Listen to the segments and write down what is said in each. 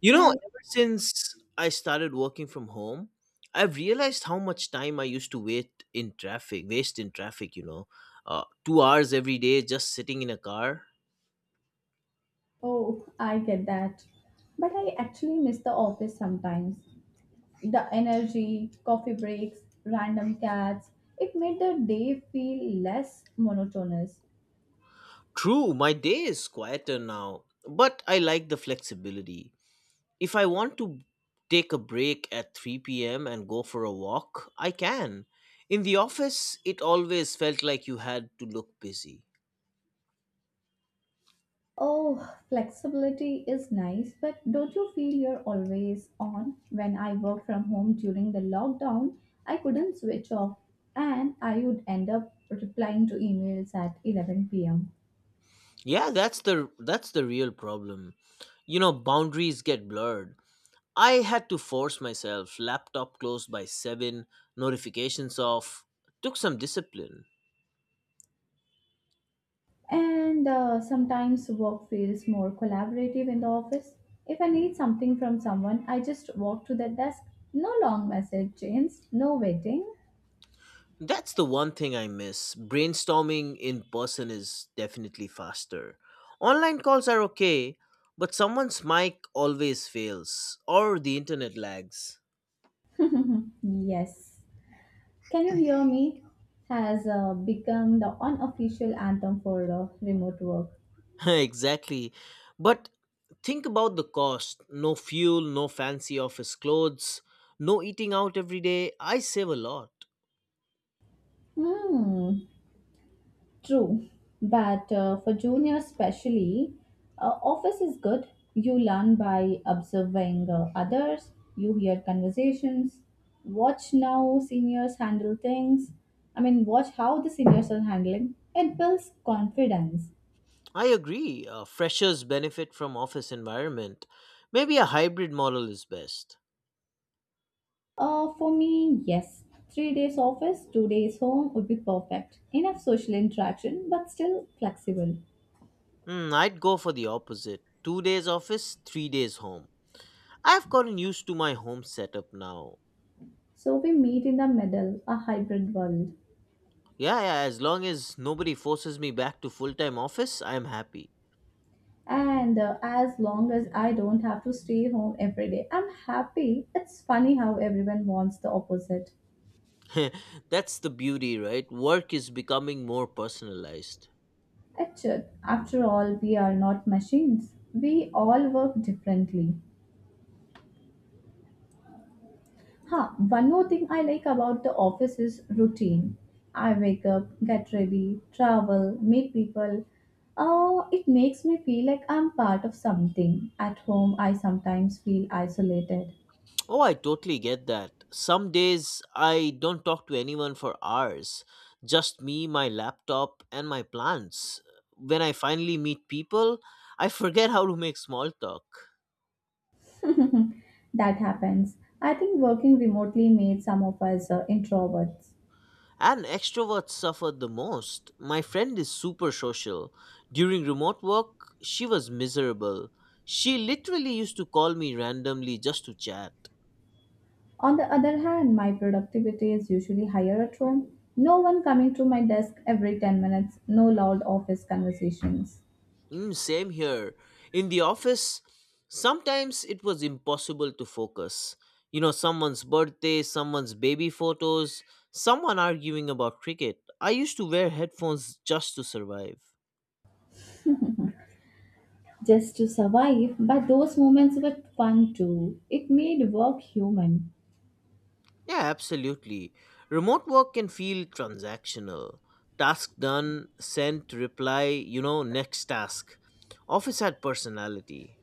You know, Hi. ever since I started working from home, I've realized how much time I used to waste in traffic. 2 hours every day just sitting in a car. Oh, I get that. But I actually miss the office sometimes. The energy, coffee breaks, random chats. It made the day feel less monotonous. True, my day is quieter now, but I like the flexibility. If I want to take a break at 3 p.m. and go for a walk, I can. In the office, it always felt like you had to look busy. Oh, flexibility is nice, but don't you feel you're always on? When I worked from home during the lockdown, I couldn't switch off, and I would end up replying to emails at 11 pm. Yeah, that's the real problem. Boundaries get blurred. I had to force myself, laptop closed by 7, notifications off. Took some discipline. And sometimes work feels more collaborative in the office. If I need something from someone, I just walk to that desk. No long message chains, no waiting. That's the one thing I miss. Brainstorming in person is definitely faster. Online calls are okay, but someone's mic always fails or the internet lags. Yes. Can you hear me? Has become the unofficial anthem for remote work. Exactly. But think about the cost: no fuel, no fancy office clothes, no eating out every day. I save a lot. Hmm. True, but for juniors especially, office is good. You learn by observing others, you hear conversations, watch now seniors handle things. I mean, watch how the seniors are handling. It builds confidence. I agree. Freshers benefit from office environment. Maybe a hybrid model is best. For me, yes, 3 days office, 2 days home would be perfect. Enough social interaction, but still flexible. Hmm, I'd go for the opposite. 2 days office, 3 days home. I've gotten used to my home setup now. So we meet in the middle, a hybrid world. Yeah, yeah, as long as nobody forces me back to full time office, I'm happy. And as long as I don't have to stay home every day, I'm happy. It's funny how everyone wants the opposite. That's the beauty, right? Work is becoming more personalized. It should. After all, we are not machines. We all work differently. Huh, one more thing I like about the office is routine. I wake up, get ready, travel, meet people. It makes me feel like I'm part of something. At home, I sometimes feel isolated. Oh, I totally get that. Some days I don't talk to anyone for hours, just me, my laptop, and my plants. When I finally meet people, I forget how to make small talk. That happens. I think working remotely made some of us introverts. And extroverts suffer the most. My friend is super social. During remote work, she was miserable. She literally used to call me randomly just to chat. On the other hand, my productivity is usually higher at home. No one coming to my desk every 10 minutes, no loud office conversations. Same here. In the office, sometimes it was impossible to focus. You know, someone's birthday, someone's baby photos, someone arguing about cricket. I used to wear headphones just to survive. Just to survive, but those moments were fun too. It made work human. Yeah, absolutely. Remote work can feel transactional. Task done, sent, reply, next task. Office had personality.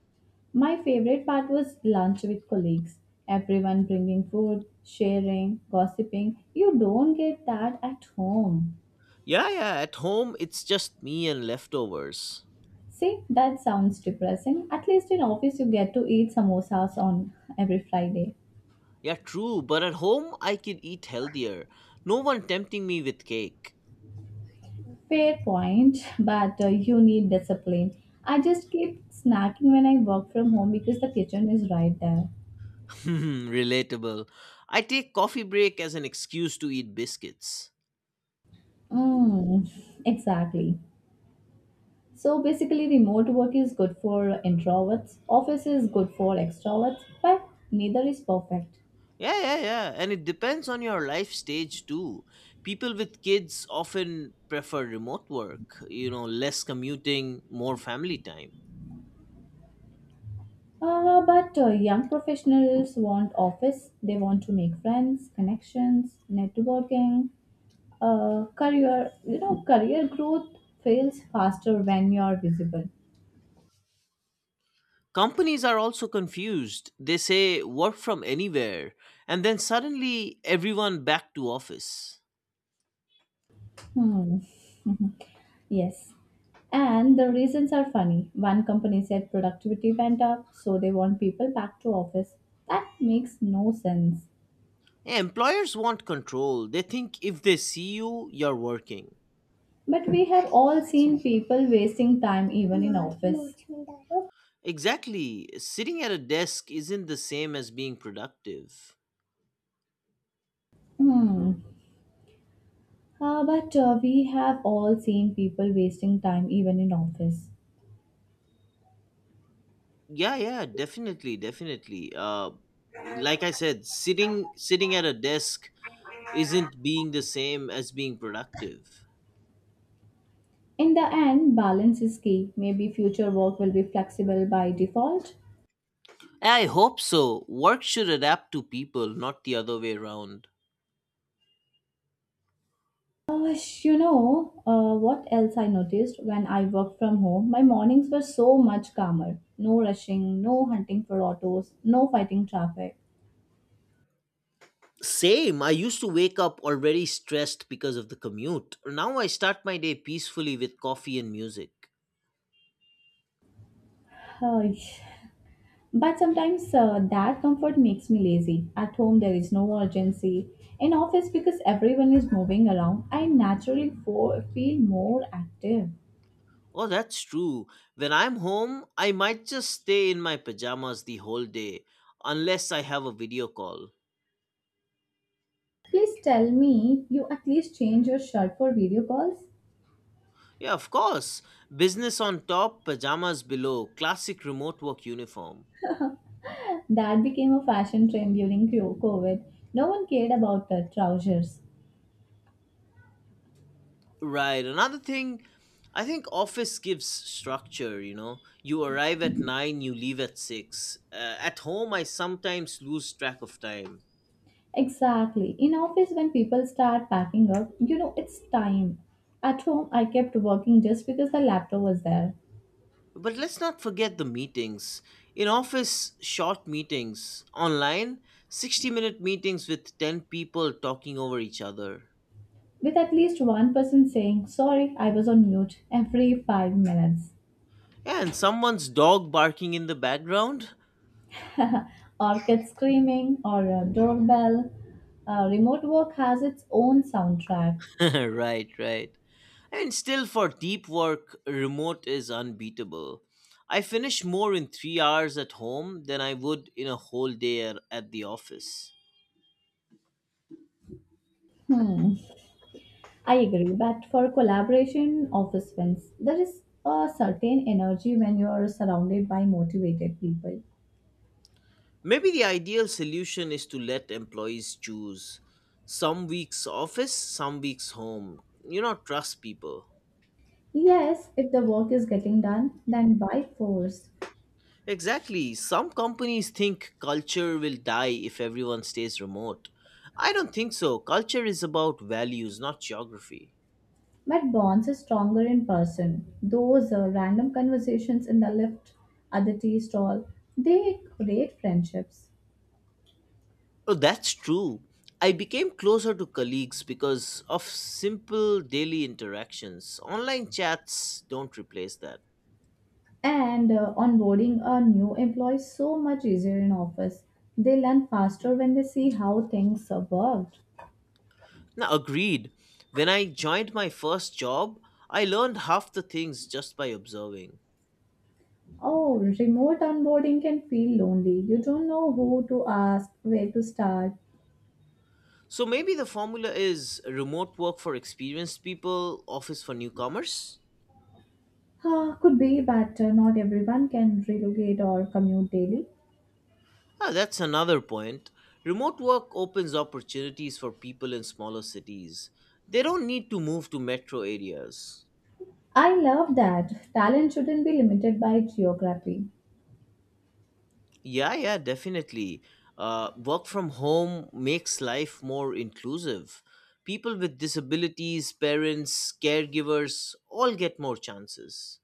My favorite part was lunch with colleagues. Everyone bringing food, sharing, gossiping. You don't get that at home. Yeah, yeah, at home it's just me and leftovers. See, that sounds depressing. At least in office you get to eat samosas on every Friday. Yeah, true, but at home I can eat healthier. No one tempting me with cake. Fair point, but you need discipline. I just keep snacking when I work from home because the kitchen is right there. Relatable. I take coffee break as an excuse to eat biscuits. Mm, exactly. So basically, remote work is good for introverts, office is good for extroverts, but neither is perfect. Yeah, yeah, yeah. And it depends on your life stage too. People with kids often prefer remote work, less commuting, more family time. But young professionals want office. They want to make friends, connections, networking, career. Career growth fails faster when you're visible. Companies are also confused. They say work from anywhere, and then suddenly everyone back to office. Hmm. Yes. And the reasons are funny. One company said productivity went up, so they want people back to office. That makes no sense. Yeah, employers want control. They think if they see you, you're working. But we have all seen people wasting time even in office. Exactly. Sitting at a desk isn't the same as being productive. Hmm. But we have all seen people wasting time even in office. Yeah, yeah, definitely. Like I said, sitting at a desk isn't being the same as being productive. In the end, balance is key. Maybe future work will be flexible by default. I hope so. Work should adapt to people, not the other way around. Uh, what else I noticed when I worked from home? My mornings were so much calmer. No rushing, no hunting for autos, no fighting traffic. Same. I used to wake up already stressed because of the commute. Now I start my day peacefully with coffee and music. Uh, But sometimes that comfort makes me lazy. At home, there is no urgency. In office, because everyone is moving around, I naturally feel more active. Oh, that's true. When I'm home, I might just stay in my pajamas the whole day, unless I have a video call. Please tell me you at least change your shirt for video calls. Yeah, of course. Business on top, pajamas below, classic remote work uniform. That became a fashion trend during COVID. No one cared about the trousers. Right, another thing, I think office gives structure, you know. You arrive at 9, you leave at 6. At home, I sometimes lose track of time. Exactly. In office, when people start packing up, you know it's time. At home, I kept working just because the laptop was there. But let's not forget the meetings. In office, short meetings. Online, 60-minute meetings with 10 people talking over each other. With at least one person saying, Sorry, I was on mute, every 5 minutes. And someone's dog barking in the background? Or kids screaming, or a doorbell. Remote work has its own soundtrack. Right, right. And still, for deep work, remote is unbeatable. I finish more in 3 hours at home than I would in a whole day at the office. Hmm, I agree, but for collaboration, office wins. There is a certain energy when you are surrounded by motivated people. Maybe the ideal solution is to let employees choose some weeks office, some weeks home. You know, trust people. Yes, if the work is getting done, then by force. Exactly. Some companies think culture will die if everyone stays remote. I don't think so. Culture is about values, not geography. But bonds are stronger in person. Those random conversations in the lift, at the tea stall, they create friendships. Oh, that's true. I became closer to colleagues because of simple daily interactions. Online chats don't replace that. And onboarding a new employee is so much easier in office. They learn faster when they see how things are worked. Now, agreed. When I joined my first job, I learned half the things just by observing. Oh, remote onboarding can feel lonely. You don't know who to ask, where to start. So maybe the formula is remote work for experienced people, office for newcomers? Ah, could be, but not everyone can relocate or commute daily. Ah, that's another point. Remote work opens opportunities for people in smaller cities. They don't need to move to metro areas. I love that. Talent shouldn't be limited by geography. Yeah, yeah, definitely. Work from home makes life more inclusive. People with disabilities, parents, caregivers all get more chances,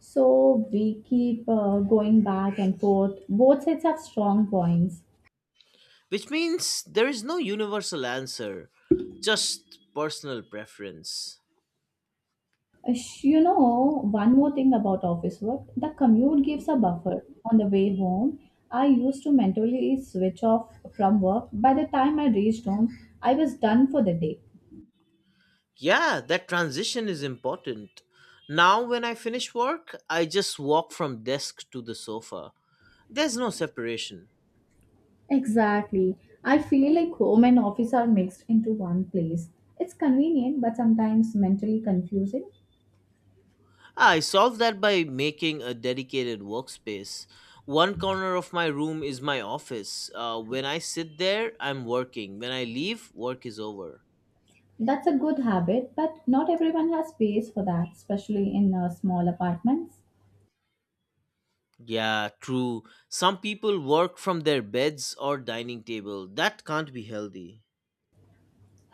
So we keep going back and forth. Both sides have strong points. which means there is no universal answer, just personal preference. One more thing about office work, the commute gives a buffer. On the way home, I used to mentally switch off from work. By the time I reached home, I was done for the day. Yeah, that transition is important. Now, when I finish work, I just walk from desk to the sofa. There's no separation. Exactly. I feel like home and office are mixed into one place. It's convenient, but sometimes mentally confusing. I solve that by making a dedicated workspace. One corner of my room is my office. When I sit there, I'm working. When I leave, work is over. That's a good habit, but not everyone has space for that, especially in small apartments. Yeah, true. Some people work from their beds or dining table. That can't be healthy.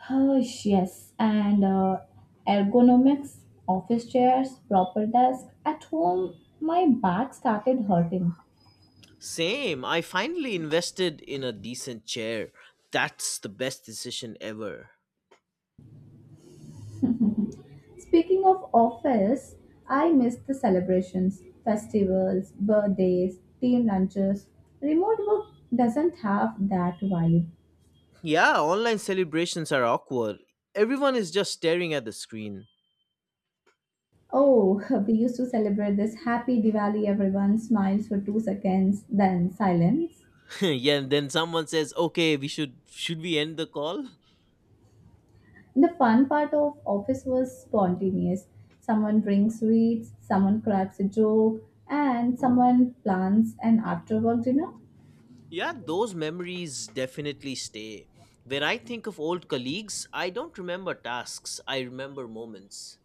Oh, yes, and ergonomics, office chairs, proper desk. At home, my back started hurting. Same. I finally invested in a decent chair. That's the best decision ever. Speaking of office, I miss the celebrations, festivals, birthdays, team lunches. Remote work doesn't have that vibe. Yeah, online celebrations are awkward. Everyone is just staring at the screen. Oh, we used to celebrate this happy Diwali, everyone smiles for 2 seconds, then silence. Yeah, and then someone says, "Okay, we should we end the call?" The fun part of office was spontaneous. Someone brings sweets, someone cracks a joke, and someone plans an after work dinner. Yeah, those memories definitely stay. When I think of old colleagues, I don't remember tasks, I remember moments.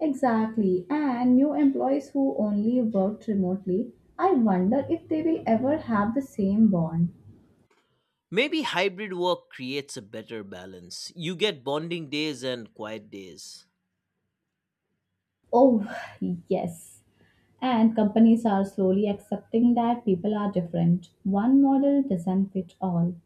Exactly, and new employees who only worked remotely, I wonder if they will ever have the same bond. Maybe hybrid work creates a better balance. You get bonding days and quiet days. Oh, yes. And companies are slowly accepting that people are different. One model doesn't fit all.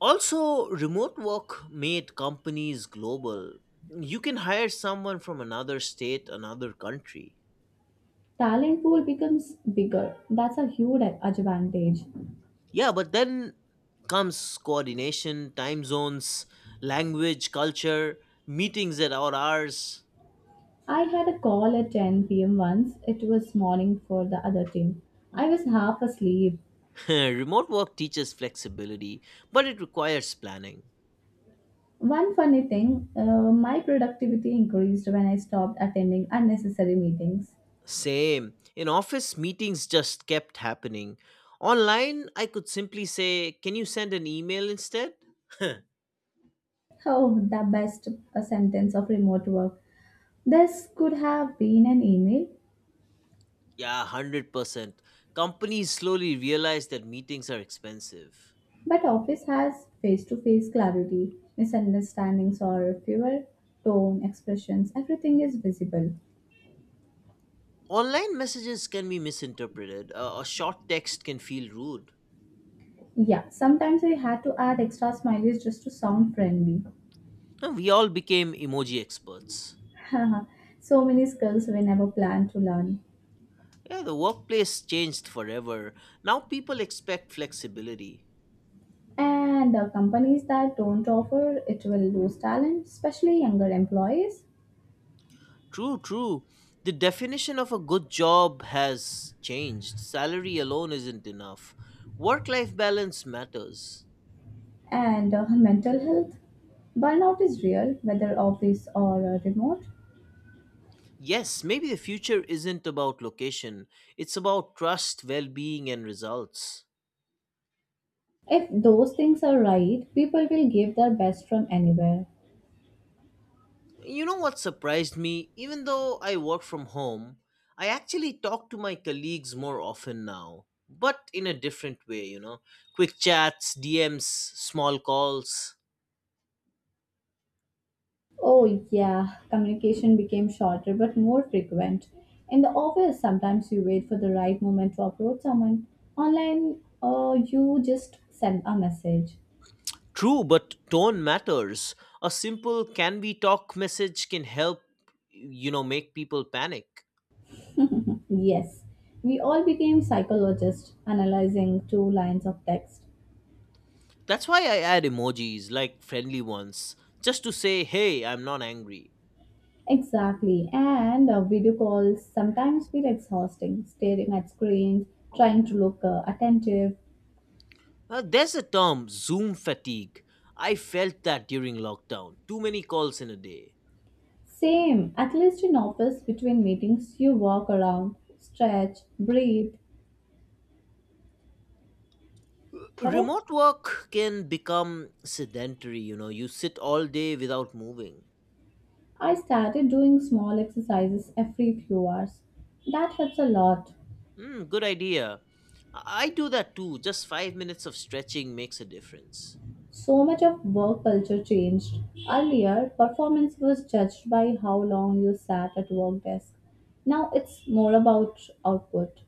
Also, remote work made companies global. You can hire someone from another state, another country. Talent pool becomes bigger. That's a huge advantage. Yeah, but then comes coordination, time zones, language, culture, meetings at odd hours. I had a call at 10 p.m. once. It was morning for the other team. I was half asleep. Remote work teaches flexibility, but it requires planning. One funny thing, my productivity increased when I stopped attending unnecessary meetings. Same. In office, meetings just kept happening. Online, I could simply say, Can you send an email instead? Oh, the best sentence of remote work. This could have been an email. Yeah, 100%. Companies slowly realize that meetings are expensive. But office has face to face clarity, misunderstandings or fewer, tone, expressions, everything is visible. Online messages can be misinterpreted, a short text can feel rude. Yeah, sometimes I had to add extra smileys just to sound friendly. We all became emoji experts. So many skills we never planned to learn. Yeah, the workplace changed forever. Now people expect flexibility. And the companies that don't offer it will lose talent, especially younger employees. True, true. The definition of a good job has changed. Salary alone isn't enough. Work life balance matters. And mental health. Burnout is real, whether office or remote. Yes, maybe the future isn't about location, it's about trust, well being, and results. If those things are right, people will give their best from anywhere. You know what surprised me? Even though I work from home, I actually talk to my colleagues more often now, but in a different way. Quick chats, DMs, small calls. Oh, yeah, communication became shorter but more frequent. In the office, sometimes you wait for the right moment to approach someone. Online, you just send a message. True, but tone matters. A simple can we talk message can help, make people panic. Yes, we all became psychologists analyzing two lines of text. That's why I add emojis, like friendly ones, just to say, hey, I'm not angry. Exactly, and video calls sometimes feel exhausting, staring at screens, trying to look attentive. There's a term, Zoom fatigue. I felt that during lockdown. Too many calls in a day. Same, at least in office, between meetings, you walk around, stretch, breathe, correct? Remote work can become sedentary, you sit all day without moving. I started doing small exercises every few hours. That helps a lot. Good idea. I do that too. Just 5 minutes of stretching makes a difference. So much of work culture changed. Earlier, performance was judged by how long you sat at work desk. Now it's more about output.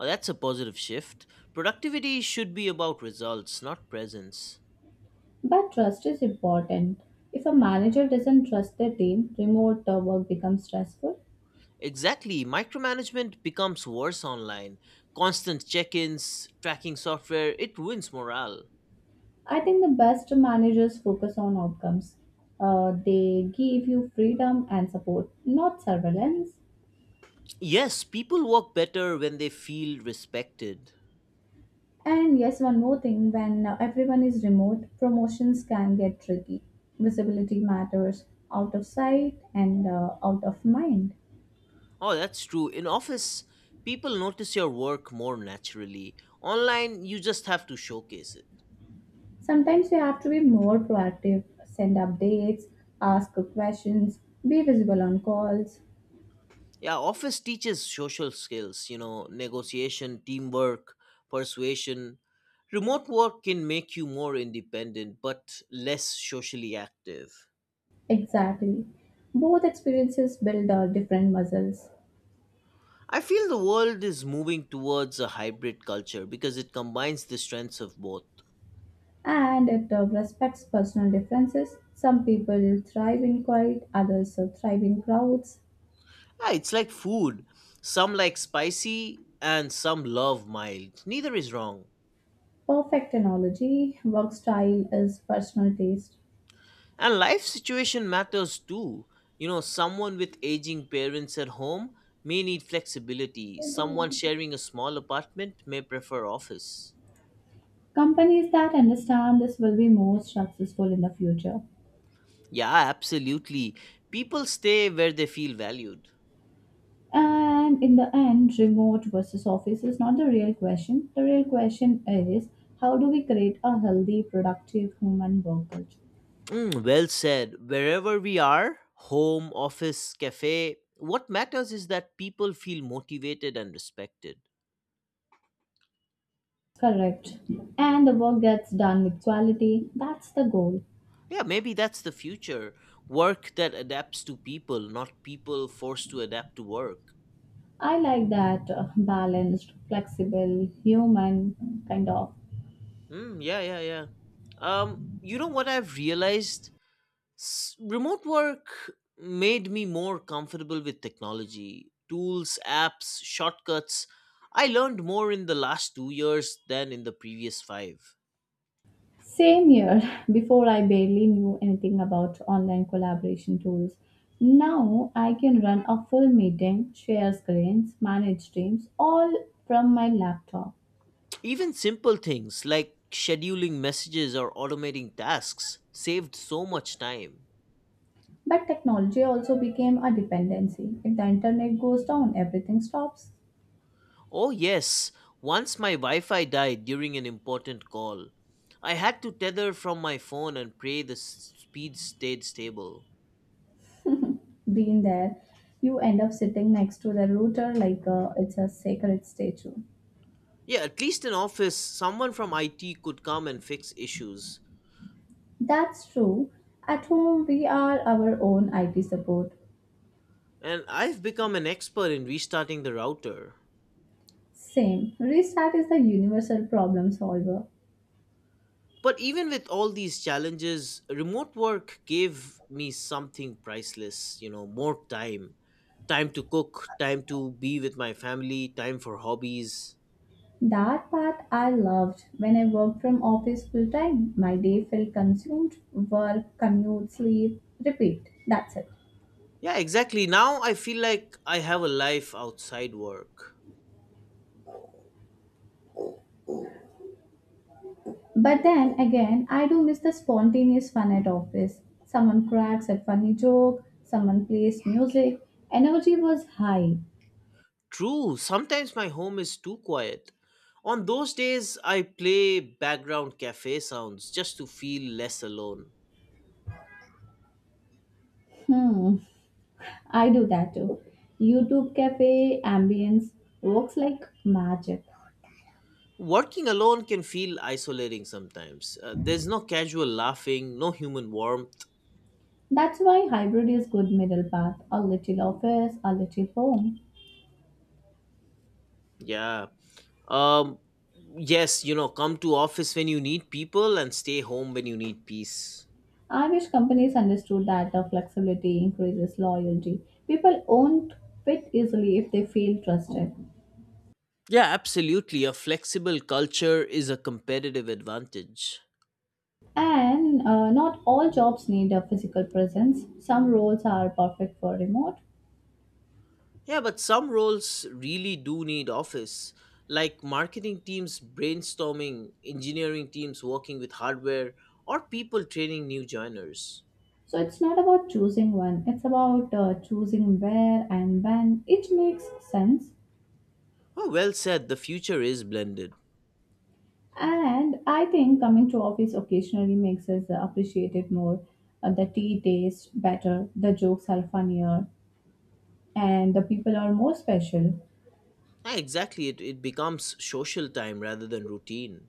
Oh, that's a positive shift. Productivity should be about results, not presence. But trust is important. If a manager doesn't trust their team, remote work becomes stressful. Exactly. Micromanagement becomes worse online. Constant check ins, tracking software, it ruins morale. I think the best managers focus on outcomes. They give you freedom and support, not surveillance. Yes, people work better when they feel respected. And yes, one more thing, when everyone is remote, promotions can get tricky. Visibility matters, out of sight and out of mind. Oh, that's true. In office, people notice your work more naturally. Online, you just have to showcase it. Sometimes you have to be more proactive, send updates, ask questions, be visible on calls. Yeah, office teaches social skills, negotiation, teamwork, persuasion. Remote work can make you more independent but less socially active. Exactly. Both experiences build different muscles, I feel the world is moving towards a hybrid culture because it combines the strengths of both. and it respects personal differences. Some people thrive in quiet, others thrive in crowds. Yeah, it's like food. Some like spicy and some love mild. Neither is wrong. Perfect analogy. Work style is personal taste. And life situation matters too. Someone with aging parents at home may need flexibility. Someone sharing a small apartment may prefer office. Companies that understand this will be more successful in the future. Yeah, absolutely. People stay where they feel valued. And in the end, remote versus office is not the real question. The real question is, how do we create a healthy, productive human work culture? Well said. Wherever we are, home, office, cafe, what matters is that people feel motivated and respected. Correct. And the work gets done with quality. That's the goal. Yeah, maybe that's the future. Work that adapts to people, not people forced to adapt to work. I like that balanced, flexible, human kind of. Mm, yeah, yeah, yeah. You know what I've realized? Remote work made me more comfortable with technology, tools, apps, shortcuts. I learned more in the last 2 years than in the previous five. Same here. Before I barely knew anything about online collaboration tools. Now I can run a full meeting, share screens, manage teams, all from my laptop. Even simple things like scheduling messages or automating tasks saved so much time. But technology also became a dependency. If the internet goes down, everything stops Oh, yes. Once my Wi Fi died during an important call. I had to tether from my phone and pray the speed stayed stable. being there. You end up sitting next to the router like it's a sacred statue. Yeah, at least in office, someone from IT could come and fix issues. That's true. At home, we are our own IT support. And I've become an expert in restarting the router. Same. Restart is the universal problem solver. But even with all these challenges, remote work gave me something priceless, more time. Time to cook, time to be with my family, time for hobbies. That part I loved when I worked from office full time. My day felt consumed. Work, commute, sleep, repeat. That's it. Yeah, exactly. Now I feel like I have a life outside work. But then again, I do miss the spontaneous fun at office. Someone cracks a funny joke, someone plays music. Energy was high. True, sometimes my home is too quiet. On those days, I play background cafe sounds just to feel less alone. Hmm, I do that too. YouTube cafe ambience works like magic. Working alone can feel isolating sometimes. There's no casual laughing, no human warmth. That's why hybrid is good middle path, a little office, a little home. Yeah. Um yes, come to office when you need people and stay home when you need peace. I wish companies understood that the flexibility increases loyalty. People won't quit easily if they feel trusted. Yeah, absolutely. A flexible culture is a competitive advantage. And not all jobs need a physical presence. Some roles are perfect for remote. Yeah, but some roles really do need office, like marketing teams brainstorming, engineering teams working with hardware, or people training new joiners. So it's not about choosing one, it's about choosing where and when. It makes sense. Oh, well said. The future is blended. And I think coming to office occasionally makes us appreciate it more. The tea tastes better, the jokes are funnier, and the people are more special. Ah, exactly, it becomes social time rather than routine.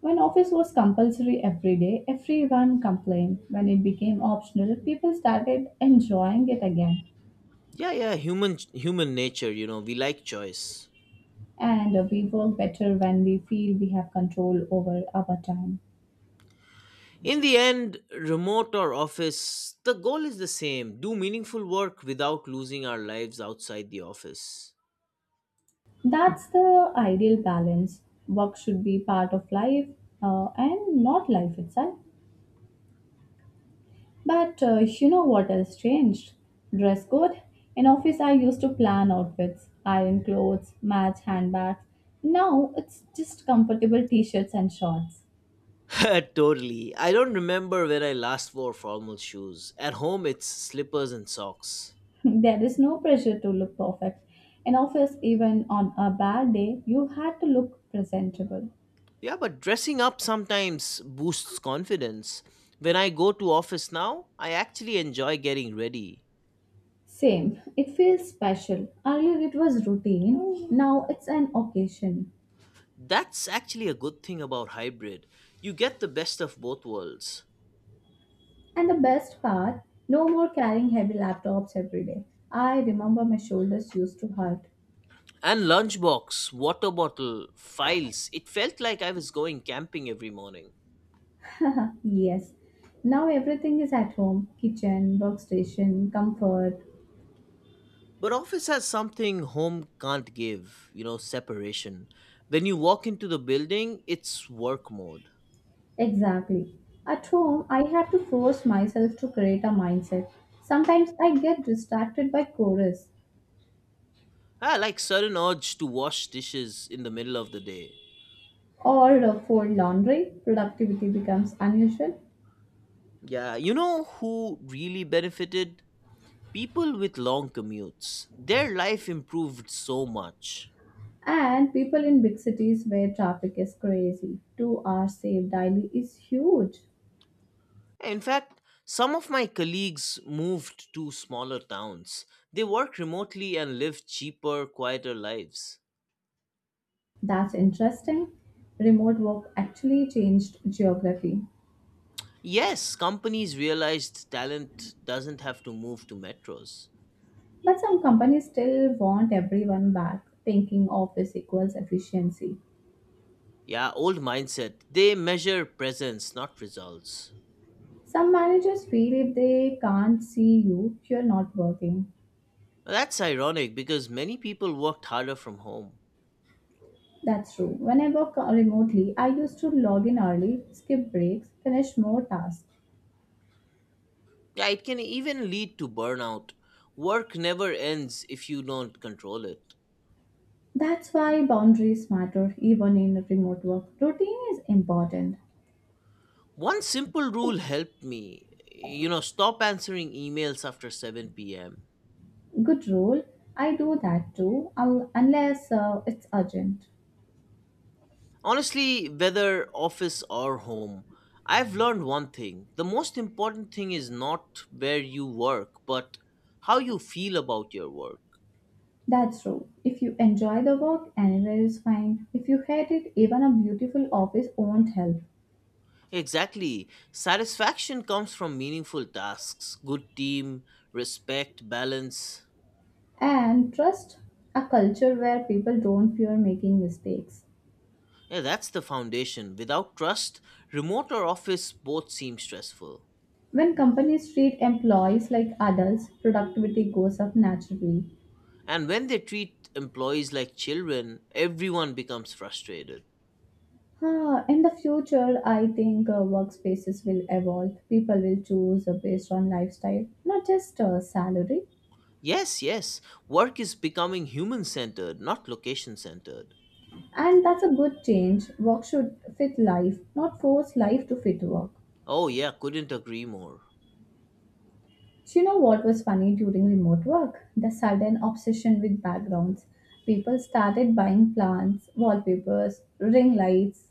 When office was compulsory every day, everyone complained. When it became optional, people started enjoying it again. Yeah, yeah, human nature, you know, we like choice. And We work better when we feel we have control over our time. In the end, remote or office, the goal is the same. Do meaningful work without losing our lives outside the office. That's the ideal balance. Work should be part of life and not life itself. But You know what else changed? Dress code. In office, I used to plan outfits, iron clothes, match handbags. Now it's just comfortable t shirts and shorts. totally. I don't remember when I last wore formal shoes. At home, it's slippers and socks. There is no pressure to look perfect. In office, even on a bad day, you had to look presentable. Yeah, but dressing up sometimes boosts confidence. When I go to office now, I actually enjoy getting ready. Same. It feels special. Earlier it was routine, now it's an occasion. That's actually a good thing about hybrid. You get the best of both worlds. And the best part, no more carrying heavy laptops every day. I remember my shoulders used to hurt. And lunchbox, water bottle, files. It felt like I was going camping every morning. Yes. Now everything is at home, kitchen, workstation, comfort. But office has something home can't give, you know, separation. When you walk into the building, it's work mode. Exactly. At home, I had to force myself to create a mindset. Sometimes I get distracted by chorus Ah, like sudden urge to wash dishes in the middle of the day. or fold laundry, productivity becomes unusual. Yeah, you know who really benefited? People with long commutes. Their life improved so much. And people in big cities where traffic is crazy, 2 hours saved daily is huge. In fact, some of my colleagues moved to smaller towns. They work remotely and live cheaper, quieter lives. That's interesting. Remote work actually changed geography. Yes, companies realized talent doesn't have to move to metros. But some companies still want everyone back, thinking office equals efficiency. Yeah, old mindset. They measure presence, not results. Some managers feel if they can't see you, you're not working. Well, that's ironic because many people worked harder from home. That's true. When I work remotely, I used to log in early, skip breaks, finish more tasks. Yeah, it can even lead to burnout. Work never ends if you don't control it. That's why boundaries matter even in remote work. Routine is important. One simple rule helped me. You know, stop answering emails after 7 pm. Good rule. I do that too, unless it's urgent. Honestly, whether office or home, I've learned one thing. The most important thing is not where you work, but how you feel about your work. That's true. If you enjoy the work, anywhere is fine. If you hate it, even a beautiful office won't help. Exactly. Satisfaction comes from meaningful tasks, good team, respect, balance. And trust, a culture where people don't fear making mistakes. Yeah, that's the foundation. Without trust, remote or office both seem stressful. When companies treat employees like adults, productivity goes up naturally. And when they treat employees like children, everyone becomes frustrated. Huh, in the future, I think workspaces will evolve. People will choose based on lifestyle, not just salary. Yes, yes. Work is becoming human centered, not location centered. And that's a good change. Work should fit life, not force life to fit work. Oh, yeah, couldn't agree more. Do you know what was funny during remote work? The sudden obsession with backgrounds. People started buying plants, wallpapers, ring lights,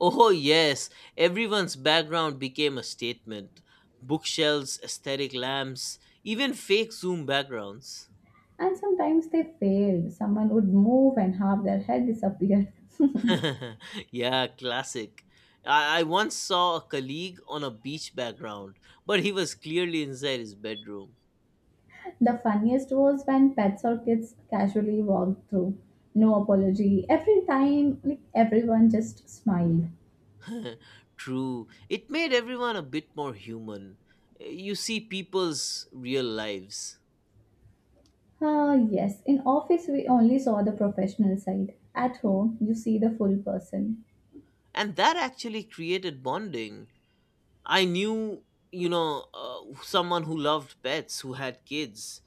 Oh, yes. Everyone's background became a statement, bookshelves, aesthetic lamps, even fake Zoom backgrounds. and sometimes they failed. Someone would move and half their head disappeared. The yeah, classic. I once saw a colleague on a beach background, but he was clearly inside his bedroom. funniest was when pets or kids casually walked through. No apology. Every time, like everyone just smiled. True. It made everyone a bit more human. Eh, you see people's real lives. Ah, yes. In office, we only saw the professional side. At home, you see the full person. And that actually created bonding. I knew, someone who loved pets, who had kids,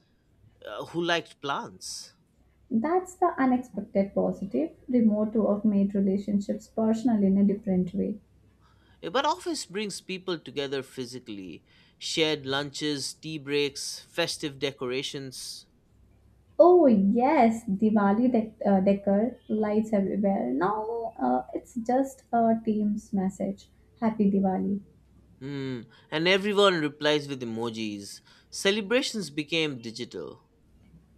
who liked plants. That's the unexpected positive. Remote work made relationships personal in a different way. But office brings people together physically, shared lunches, tea breaks, festive decorations. Oh yes, decor lights everywhere. Now it's just a team's message. Happy Diwali. Hmm, and everyone replies with emojis, celebrations became digital.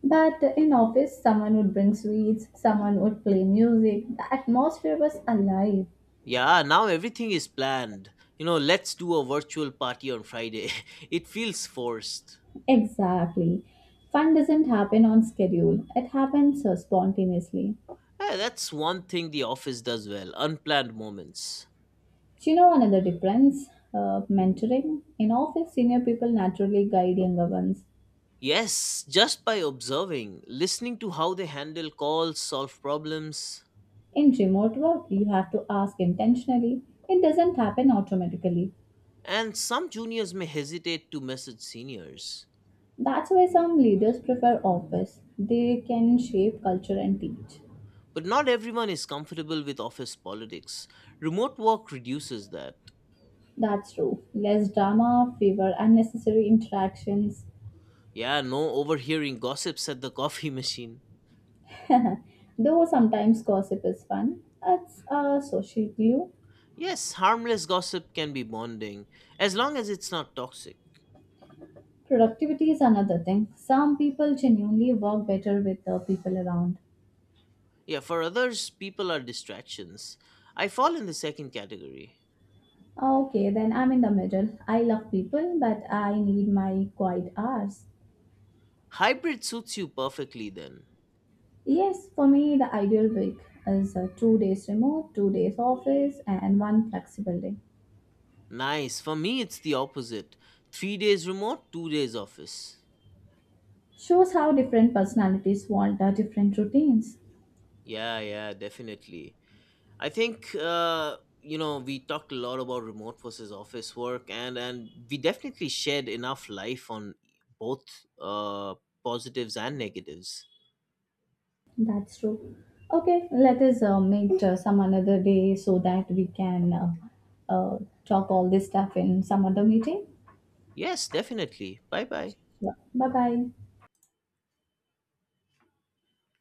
But in office, someone would bring sweets, someone would play music. The atmosphere was alive. Yeah, now everything is planned. You know, let's do a virtual party on Friday. It feels forced. Exactly. Fun doesn't happen on schedule. It happens spontaneously. Eh, that's one thing the office does well, unplanned moments. Do you know another difference? Mentoring. In office, senior people naturally guide younger ones. Yes, just by observing, listening to how they handle calls, solve problems, In remote work, you have to ask intentionally. It doesn't happen automatically. and some juniors may hesitate to message seniors. That's why some leaders prefer office. They can shape culture and teach. But not everyone is comfortable with office politics. Remote work reduces that. That's true. Less drama, fewer unnecessary interactions. Yeah, no overhearing gossips at the coffee machine. Though sometimes gossip is fun, it's a social glue. Yes, harmless gossip can be bonding, as long as it's not toxic. Productivity is another thing. Some people genuinely work better with the people around. Yeah, for others, people are distractions. I fall in the second category. Okay, then I'm in the middle. I love people, but I need my quiet hours. Hybrid suits you perfectly then. Yes, for me, the ideal week is 2 days remote, 2 days office, and one flexible day. Nice. For me, it's the opposite. 3 days remote, 2 days office. Shows how different personalities want different routines. Yeah, yeah, definitely. I think, we talked a lot about remote versus office work, and we definitely shared enough life on both, uh, positives and negatives. That's true. Okay, Let us meet some another day so that we can uh, talk all this stuff in some other meeting. Yes, definitely. Bye bye. Sure. Bye bye.